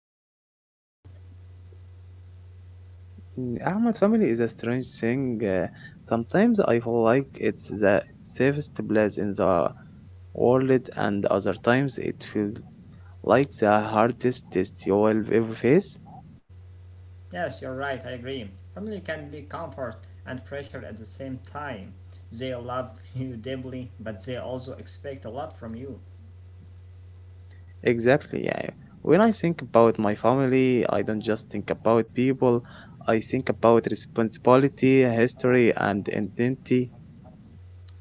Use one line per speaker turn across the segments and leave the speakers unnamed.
fine, thank you.
Ahmed, family is a strange thing. Sometimes I feel like it's the safest place in the world, and other times it feels like the hardest test you will ever face.
Yes, you're right, I agree. Family can be comfort and pressure at the same time. They love you deeply, but they also expect a lot from you.
Exactly, yeah. When I think about my family, I don't just think about people, I think about responsibility, history, and identity.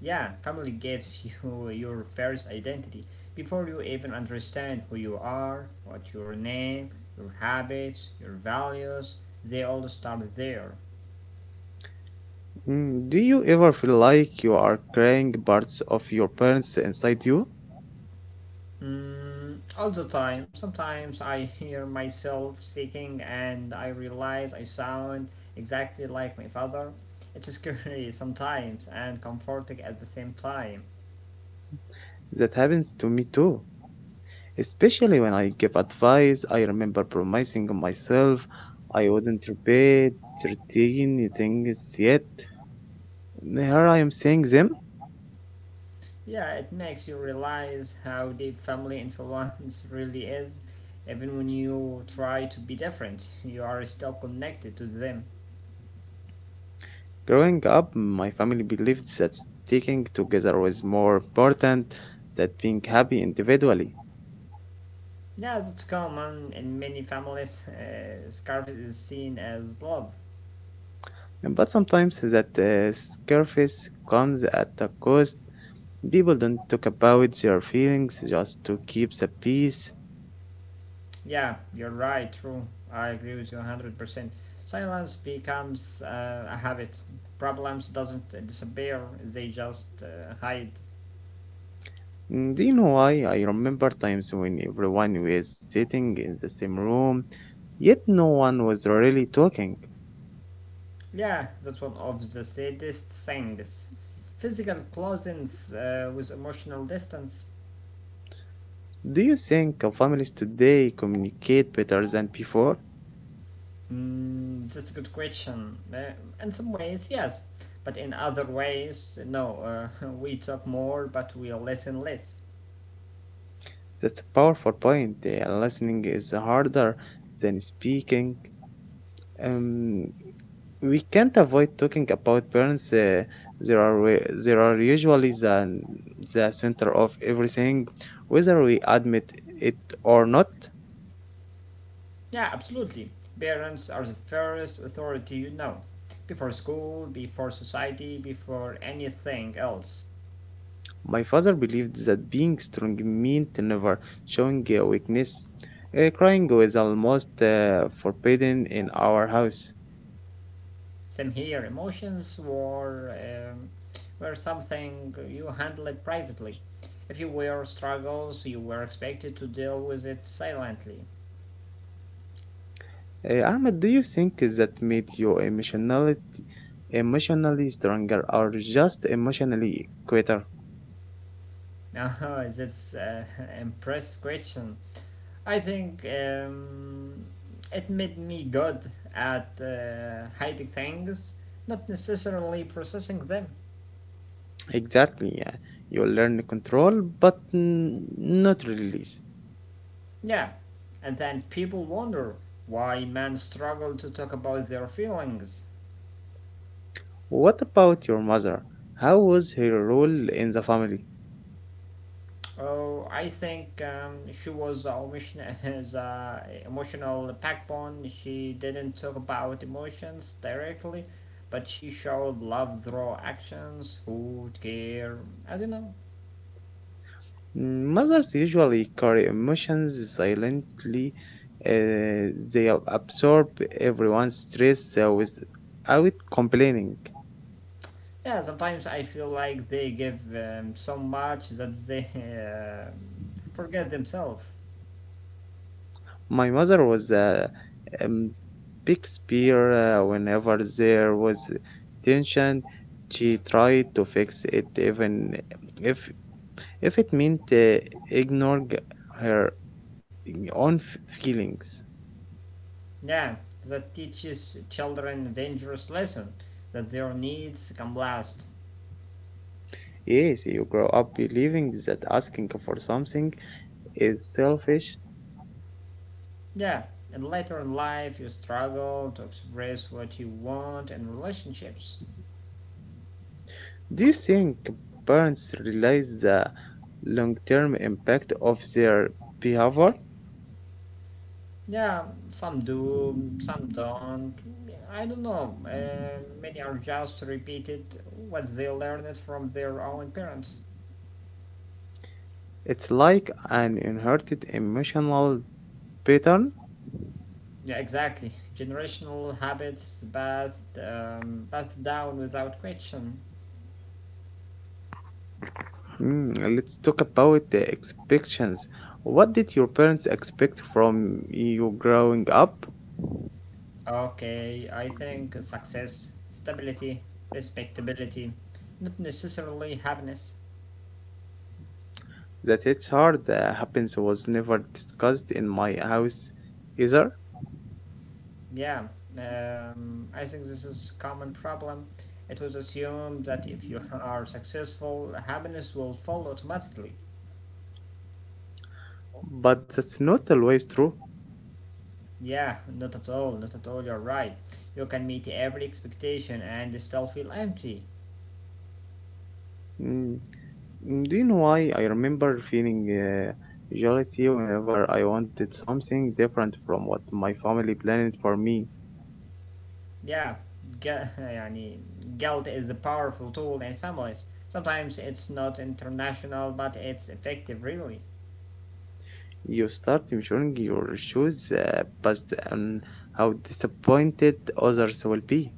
Yeah, family gives you your first identity before you even understand who you are, what your name, your habits, your values. They all start there.
Do you ever feel like you are carrying parts of your parents inside you?
Mm, all the time. Sometimes I hear myself singing and I realize I sound exactly like my father. It's scary sometimes and comforting at the same time.
That happens to me too. Especially when I give advice, I remember promising myself I wouldn't repeat certain things yet. Here I am saying them.
Yeah, it makes you realize how deep family influence really is. Even when you try to be different, you are still connected to them.
Growing up, my family believed that sticking together was more important than being happy individually.
Yeah, that's common in many families. Scarf is seen as love.
But sometimes that sacrifice comes at a cost. People don't talk about their feelings just to keep the peace.
Yeah, you're right, true. I agree with you 100%. Silence becomes a habit. Problems doesn't disappear, they just hide.
Do you know why? I remember times when everyone was sitting in the same room, yet no one was really talking.
Yeah, that's one of the saddest things. Physical closeness with emotional distance.
Do you think families today communicate better than before?
Mm, that's a good question. In some ways, yes, but in other ways, no. We talk more, but we listen less.
That's a powerful point. Listening is harder than speaking. Um, we can't avoid talking about parents. There are usually the center of everything, whether we admit it or not.
Yeah, absolutely. Parents are the first authority you know. Before school, before society, before anything else.
My father believed that being strong meant never showing weakness. Crying was almost forbidden in our house.
Same here, emotions were something you handled privately. If you were struggles, you were expected to deal with it silently.
Ahmed, do you think that made you emotionally stronger or just emotionally quieter?
Now, that's impressive question. I think it made me good at hiding things, not necessarily processing them.
Exactly, yeah. You learn control, but not release.
Yeah, and then people wonder why men struggle to talk about their feelings.
What about your mother? How was her role in the family?
Oh, I think she was a emotion- his emotional backbone. She didn't talk about emotions directly, but she showed love through actions, food, care, as you know.
Mothers usually carry emotions silently. Absorb everyone's stress without complaining.
Yeah, sometimes I feel like they give so much that they uh, forget themselves.
My mother was a um, big spear whenever there was tension. She tried to fix it even if if it meant ignoring her own feelings.
Yeah, that teaches children a dangerous lesson that their needs come last.
Yes, you grow up believing that asking for something is selfish.
Yeah, and later in life you struggle to express what you want in relationships.
Do you think parents realize the long term impact of their behavior?
Yeah, some do, some don't. I don't know. Many are just repeated what they learned from their own parents.
It's like an inherited emotional pattern.
Yeah, exactly. Generational habits bathed, bathed down without question.
Let's talk about the expectations. What did your parents expect from you growing up?
Okay, I think success, stability, respectability, not necessarily happiness.
That it's hard that happens was never discussed in my house either,
Yeah, I think this is common problem. It was assumed that if you are successful, happiness will follow automatically.
but that's not always true.
Yeah, not at all, not at all. You're right. You can meet every expectation and still feel empty.
Hmm. Do you know why I remember feeling guilty whenever I wanted something different from what my family planned for me?
Yeah, يعني, guilt is a powerful tool in families. Sometimes it's not international, but it's effective, really.
You start measuring your shoes based on how disappointed others will be.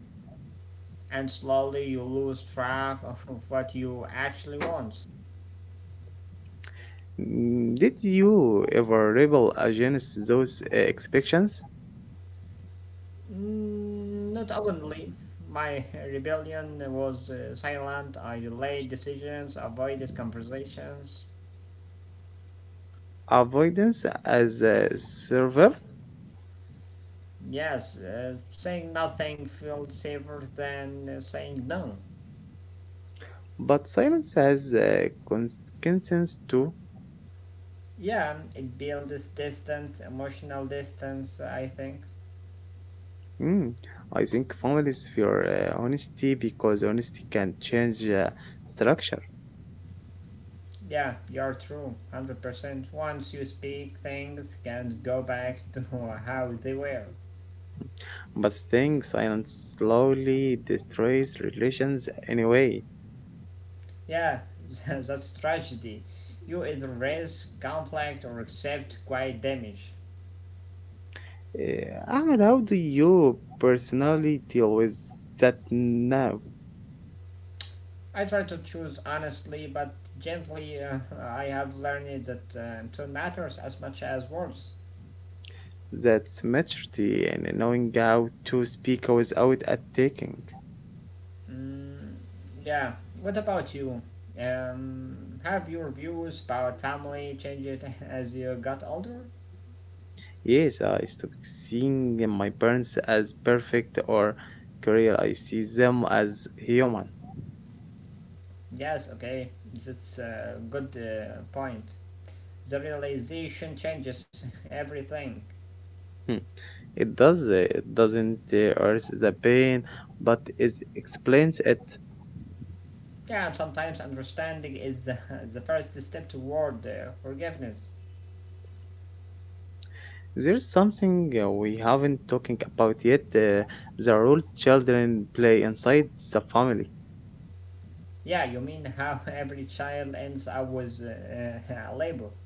And slowly you lose track of what you actually want.
Did you ever rebel against those expectations?
Mm, not openly. My rebellion was silent. I delayed decisions, avoided conversations.
Avoidance as a server,
Yes, saying nothing felt safer than saying no.
but silence has consequences too.
Yeah, it builds distance, emotional distance, I think.
Mm, I think families fear honesty because honesty can change structure,
Yeah, you're true, 100%. Once you speak, things can go back to how they were.
but staying silent slowly destroys relations anyway.
Yeah, that's tragedy. You either raise conflict or accept quiet damage.
Ahmed, how do you personally deal with that now?
I try to choose honestly but gently. I have learned that tone matters as much as words.
That maturity and knowing how to speak without attacking.
Mm, yeah, what about you? Have your views about family changed as you got older?
Yes, I stopped seeing my parents as perfect or career. I see them as human.
Yes, okay, that's a good point. The realization changes everything.
It does. It doesn't erase the pain, but it explains it.
Yeah, and sometimes understanding is the first step toward forgiveness.
There's something we haven't talking about yet: the role children play inside the family.
Yeah, you mean how every child ends up with a label.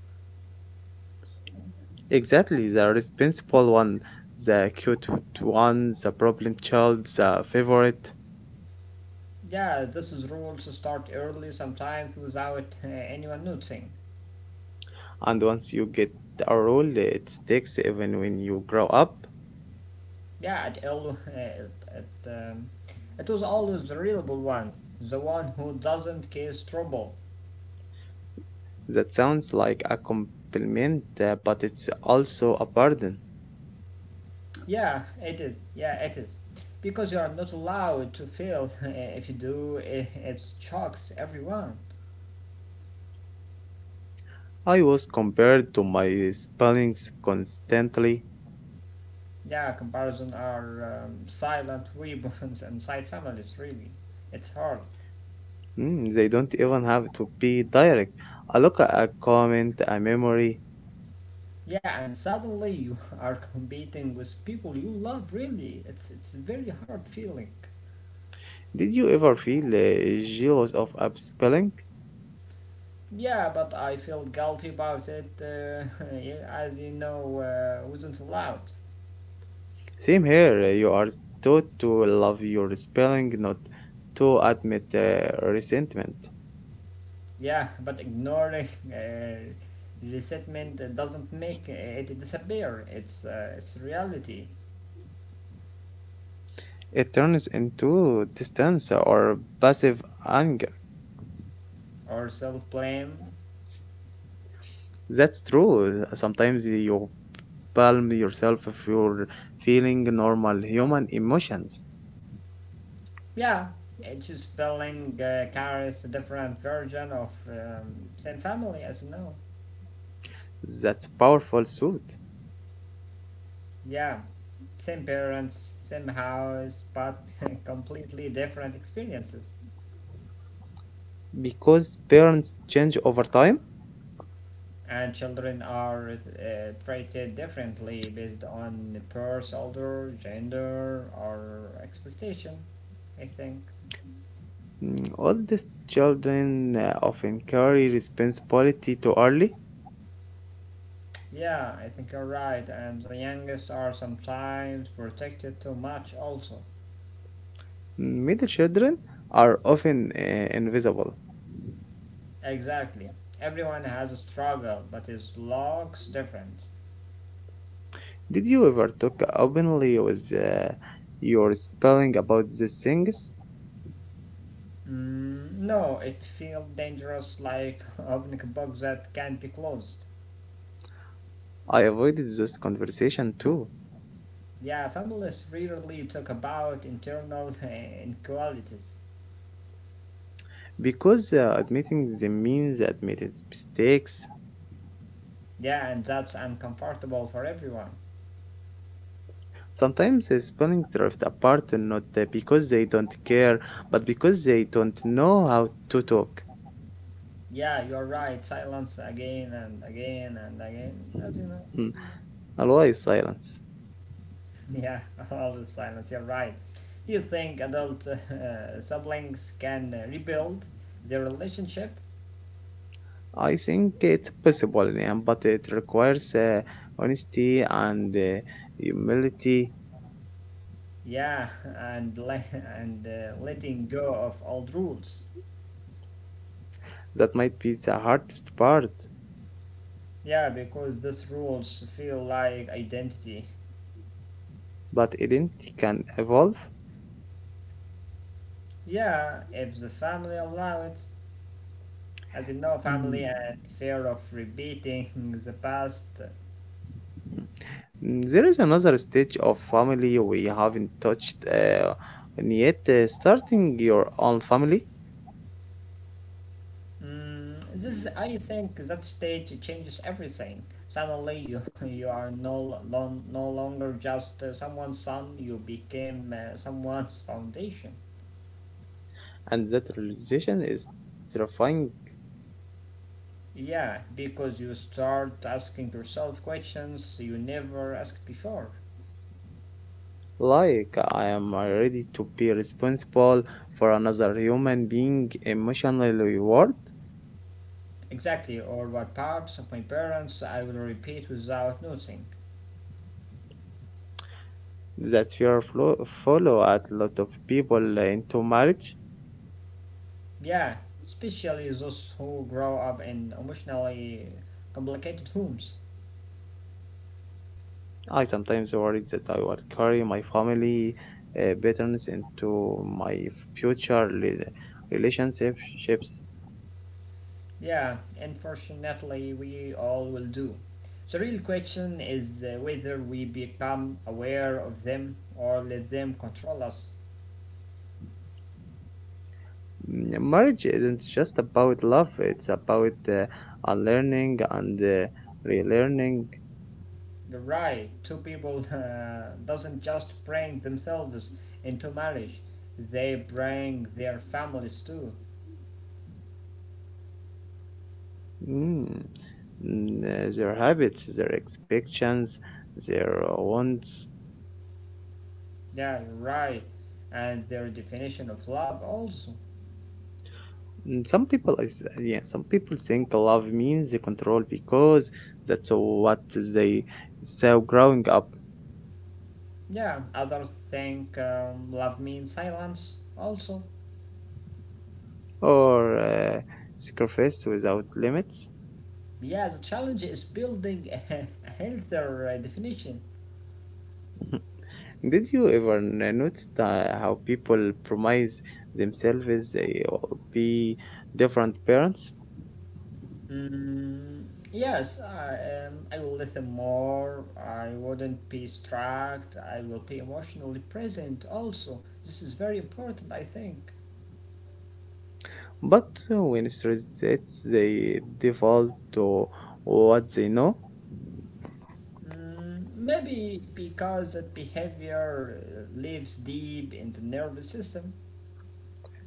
Exactly, the responsible one, the cute one, the problem child, the favorite.
Yeah, this is rules to start early, sometimes without anyone noticing.
And once you get a role, it sticks even when you grow up.
Yeah, it was always the reliable one, the one who doesn't cause trouble.
That sounds like a compliment, but it's also a burden.
Yeah, it is. Yeah, it is. Because you are not allowed to fail. If you do, it shocks everyone.
I was compared to my spellings constantly.
Yeah, comparison are silent weapons inside families, really. It's hard.
Mm, they don't even have to be direct. A look, a comment, a memory.
Yeah, and suddenly you are competing with people you love, really. It's a very hard feeling.
Did you ever feel jealous of a spelling?
Yeah, but I felt guilty about it, yeah, as you know, wasn't allowed.
Same here. You are taught to love your spelling, not to admit resentment.
Yeah, but ignoring resentment doesn't make it disappear. It's reality.
It turns into distance or passive anger.
Or self blame.
That's true. Sometimes you palm yourself if you're feeling normal human emotions.
Yeah, each spelling carries a different version of same family, as you know.
That's powerful thought
Yeah, same parents, same house, but completely different experiences.
because parents change over time.
And children are treated differently based on the birth order, gender, or expectation. I think.
Oldest children often carry responsibility too early.
Yeah, I think you're right. And the youngest are sometimes protected too much, also.
Middle children are often invisible.
Exactly. Everyone has a struggle, but his looks different.
Did you ever talk openly with your spelling about these things?
Mm, no, it feels dangerous like opening a box that can't be closed.
I avoided this conversation too
Yeah, families rarely talk about internal inequalities.
because admitting them means admitted mistakes.
Yeah, and that's uncomfortable for everyone.
Sometimes the spawning drift apart not because they don't care, but because they don't know how to talk.
Yeah, you're right. Silence again and again and again, as you know.
Hmm. Always silence.
Yeah, all the silence. You're right. Do you think adult siblings can rebuild their relationship?
I think it's possible, yeah, but it requires honesty and humility.
Yeah, and letting go of old rules.
That might be the hardest part,
Yeah, because those rules feel like identity.
but identity can evolve.
Yeah, if the family allow it, as you know,
Mm.
family and fear of repeating the past.
There is another stage of family we haven't touched and yet, starting your own family.
Mm, this, I think, that stage changes everything. Suddenly, you you are no longer just someone's son. You became someone's foundation.
And that realization is terrifying.
Yeah, because you start asking yourself questions you never asked before.
Like, I am ready to be responsible for another human being emotionally reward.
Exactly, or what parts of my parents I will repeat without noticing.
That follow a lot of people into marriage.
Yeah, especially those who grow up in emotionally complicated homes.
I sometimes worry that I will carry my family patterns into my future rela- relationships.
Yeah, unfortunately, we all will do. The real question is whether we become aware of them or let them control us.
Marriage isn't just about love; it's about unlearning and relearning.
Right, two people doesn't just bring themselves into marriage, they bring their families too.
Mm. Their habits, their expectations, their wants.
Yeah, right, and their definition of love also.
Some people, some people think love means the control because that's what they saw growing up,
Yeah, others think love means silence also.
or sacrifice without limits.
Yeah, the challenge is building a healthier definition.
Did you ever notice how people promise themselves they will be different parents,
Mm, yes, I will listen more. I wouldn't be struck. I will be emotionally present also. This is very important, I think.
but when it's reset, they default to what they know?
Mm, maybe because that behavior lives deep in the nervous system.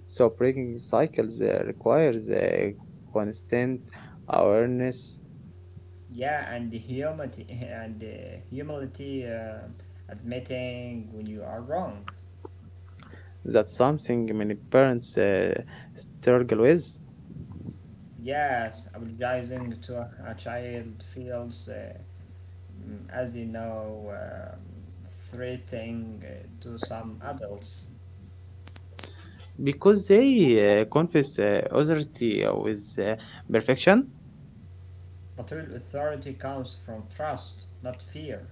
So breaking cycles requires a constant awareness
Yeah, and the humility and the humility admitting when you are wrong.
that something many parents struggle with
Yes, apologizing to a child feels as you know, threatening to some adults.
because they confuse authority with perfection.
But real authority comes from trust, not fear.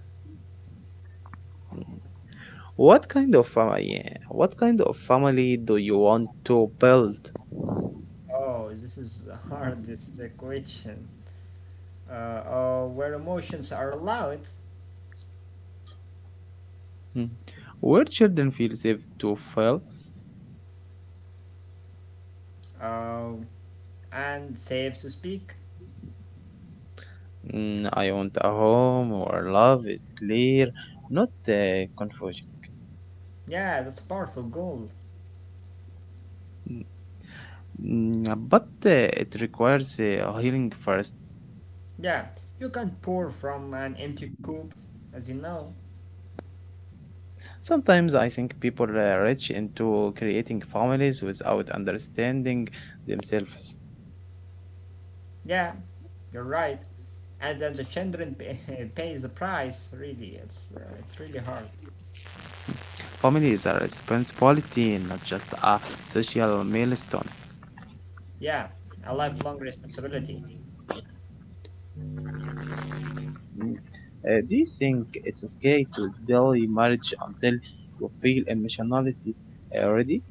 What kind of family? What kind of family do you want to build?
Oh, this is the hardest question. Where emotions are allowed
Mm. Where children feel safe to fail.
uh, and safe to speak.
I want a home where love is clear, not confusion.
Yeah, that's a powerful goal.
But it requires healing first.
Yeah, you can pour from an empty cup, as you know.
Sometimes I think people reach into creating families without understanding themselves.
Yeah, you're right. And then the children pay, pays the price. Really, it's really hard.
Family is a responsibility, not just a social milestone.
Yeah, a lifelong responsibility.
Mm. Do you think it's okay to delay marriage until you feel emotionality ready?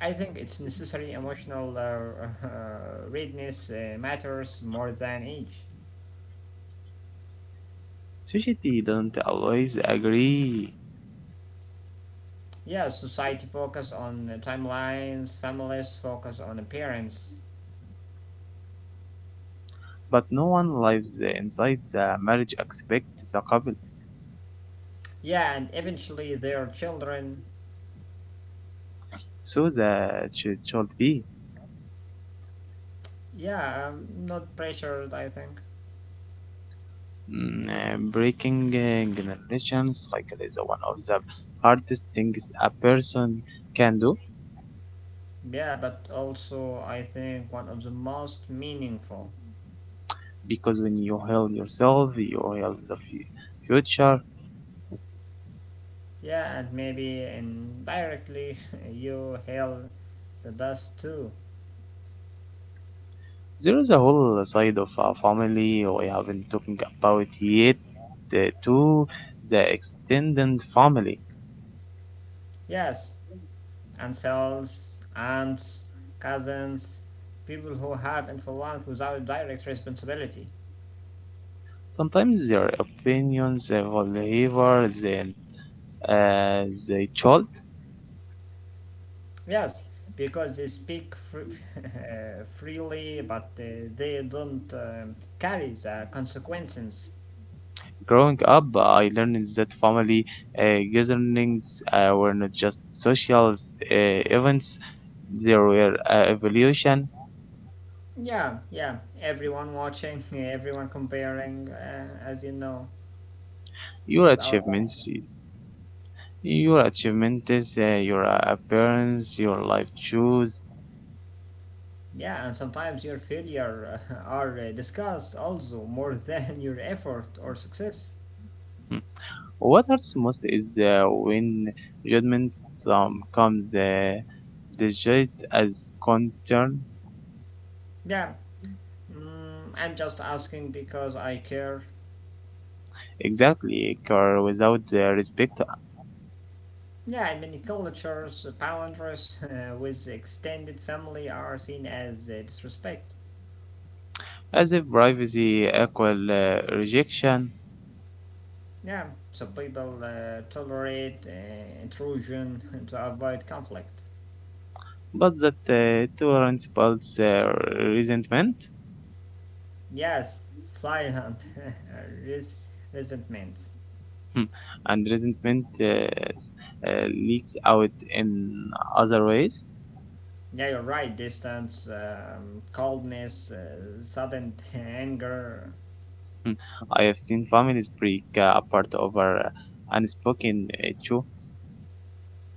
I think it's necessary emotional readiness matters more than age.
Society doesn't always agree,
Yeah, society focus on the timelines, families focus on appearance.
but no one lives inside the marriage expect the couple,
Yeah, and eventually their children.
so that should be.
Yeah, not pressured, I think.
Breaking generations like it is one of the hardest things a person can do
Yeah, but also I think one of the most meaningful.
because when you heal yourself you heal the future.
Yeah, and maybe indirectly you held the best too.
There is a whole side of our family we haven't talking about yet to the extended family.
Yes, ancestors, aunts, cousins, people who have influence without direct responsibility.
Sometimes their opinions will favor the child.
Yes, because they speak freely, but they don't carry the consequences.
Growing up, I learned that family gatherings were not just social events; they were evolution.
Yeah, yeah. Everyone watching, everyone comparing, as you know, this
Your
is our life.
achievements, your achievements, your appearance, your life choice.
Yeah, and sometimes your failure are discussed also more than your effort or success.
Hmm. What hurts most is when judgment comes disguised as concern.
Yeah, mm, I'm just asking because I care.
Exactly, car without the respect.
Yeah, in many cultures, boundaries with extended family are seen as disrespect.
As if privacy equal rejection,
Yeah, so people tolerate intrusion to avoid conflict.
but that tolerance builds resentment.
Yes, silent res- resentment.
And resentment leaks out in other ways.
Yeah, you're right. Distance, coldness, sudden anger.
I have seen families break apart over unspoken issue.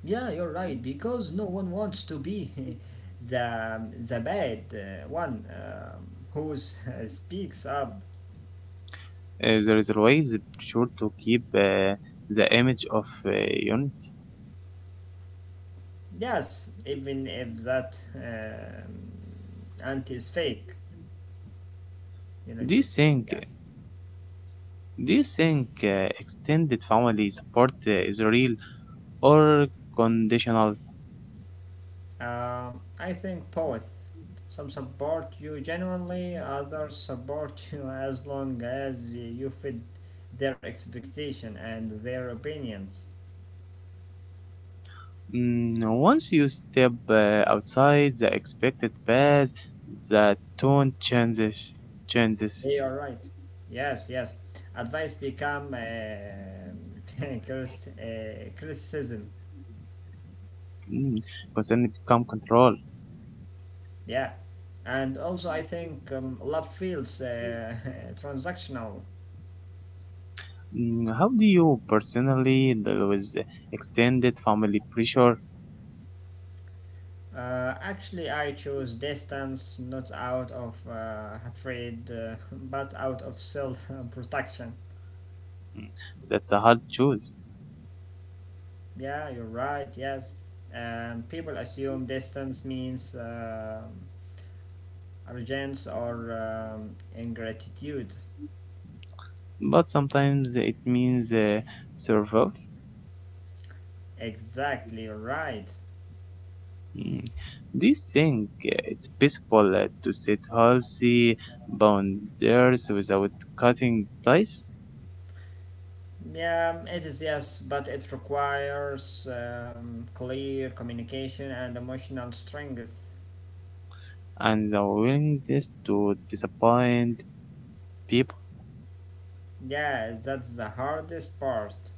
Yeah, you're right, because no one wants to be the bad one who speaks up.
There is always the pressure to keep the image of unity.
Yes, even if that anti is fake. You know,
Do you
it is fake,
think
yeah.
do you think extended family support is real or conditional?
I think both. Some support you genuinely, others support you as long as you fit their expectation and their opinions.
Once you step outside the expected path, the tone changes. Changes.
Hey, all right. Yes, yes. Advice become criticism.
Mm, Concern become control.
Yeah, and also I think love feels transactional.
How do you personally deal with extended family pressure?
Actually, I chose distance not out of hatred, but out of self-protection.
Mm, that's a hard choice.
Yeah, you're right. Yes, people assume distance means arrogance or ingratitude.
But sometimes it means survival.
Exactly right.
Mm. Do you think it's possible to set healthy boundaries without cutting ties
Yeah, it is yes, but it requires clear communication and emotional strength.
and the willingness to disappoint people?
Yeah, that's the hardest part.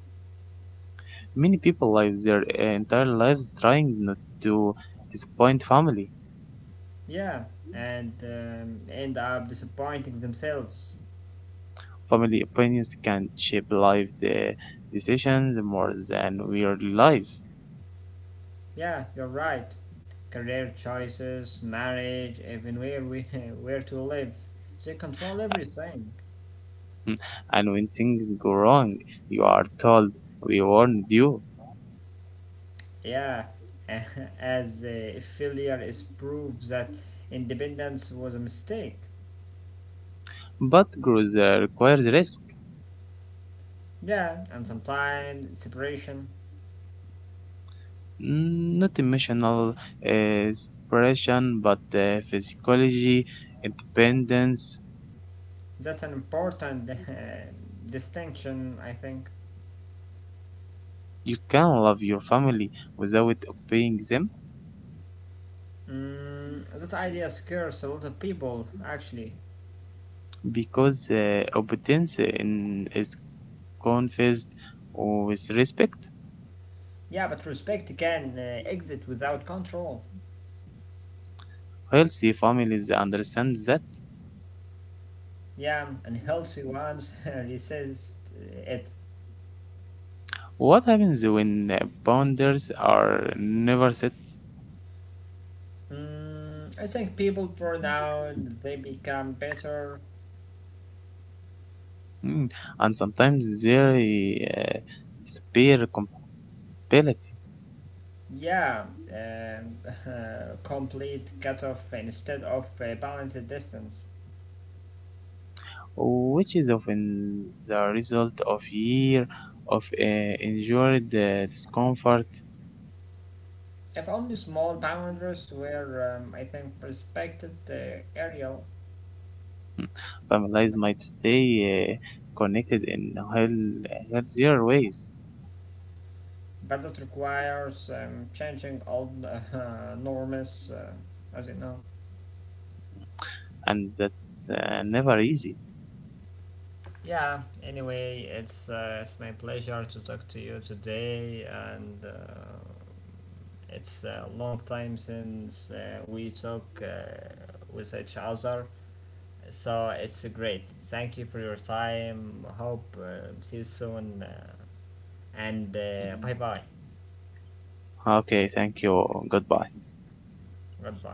Many people live their entire lives trying not to disappoint family.
Yeah, and end up disappointing themselves.
Family opinions can shape life the decisions more than we realize.
Yeah, you're right. Career choices, marriage, even where we where to live, they control everything.
Mm. And when things go wrong, you are told we warned you.
Yeah, as if failure is proof that independence was a mistake.
But growth requires risk,
Yeah, and sometimes separation.
Not emotional separation, but physiology, independence.
That's an important distinction, I think.
You can love your family without obeying them
Mm, that idea scares a lot of people, actually.
because is confused with respect.
Yeah, but respect can exit without control.
Healthy families understand that.
Yeah, and healthy ones resist it.
What happens when boundaries are never set?
Mm, I think people burn out, they become better.
Mm, and sometimes they uh, disappear completely.
Yeah, um complete cut off instead of balanced distance.
Which is often the result of year of endured discomfort.
If only small boundaries were, I think, respected, the area,
Families might stay connected in healthier ways,
but it requires changing old norms, as you know.
and that's never easy.
Yeah, anyway, it's my pleasure to talk to you today, and it's a long time since we talk with each other. So it's great. Thank you for your time. Hope see you soon, and bye bye.
Okay, thank you. Goodbye.
Goodbye.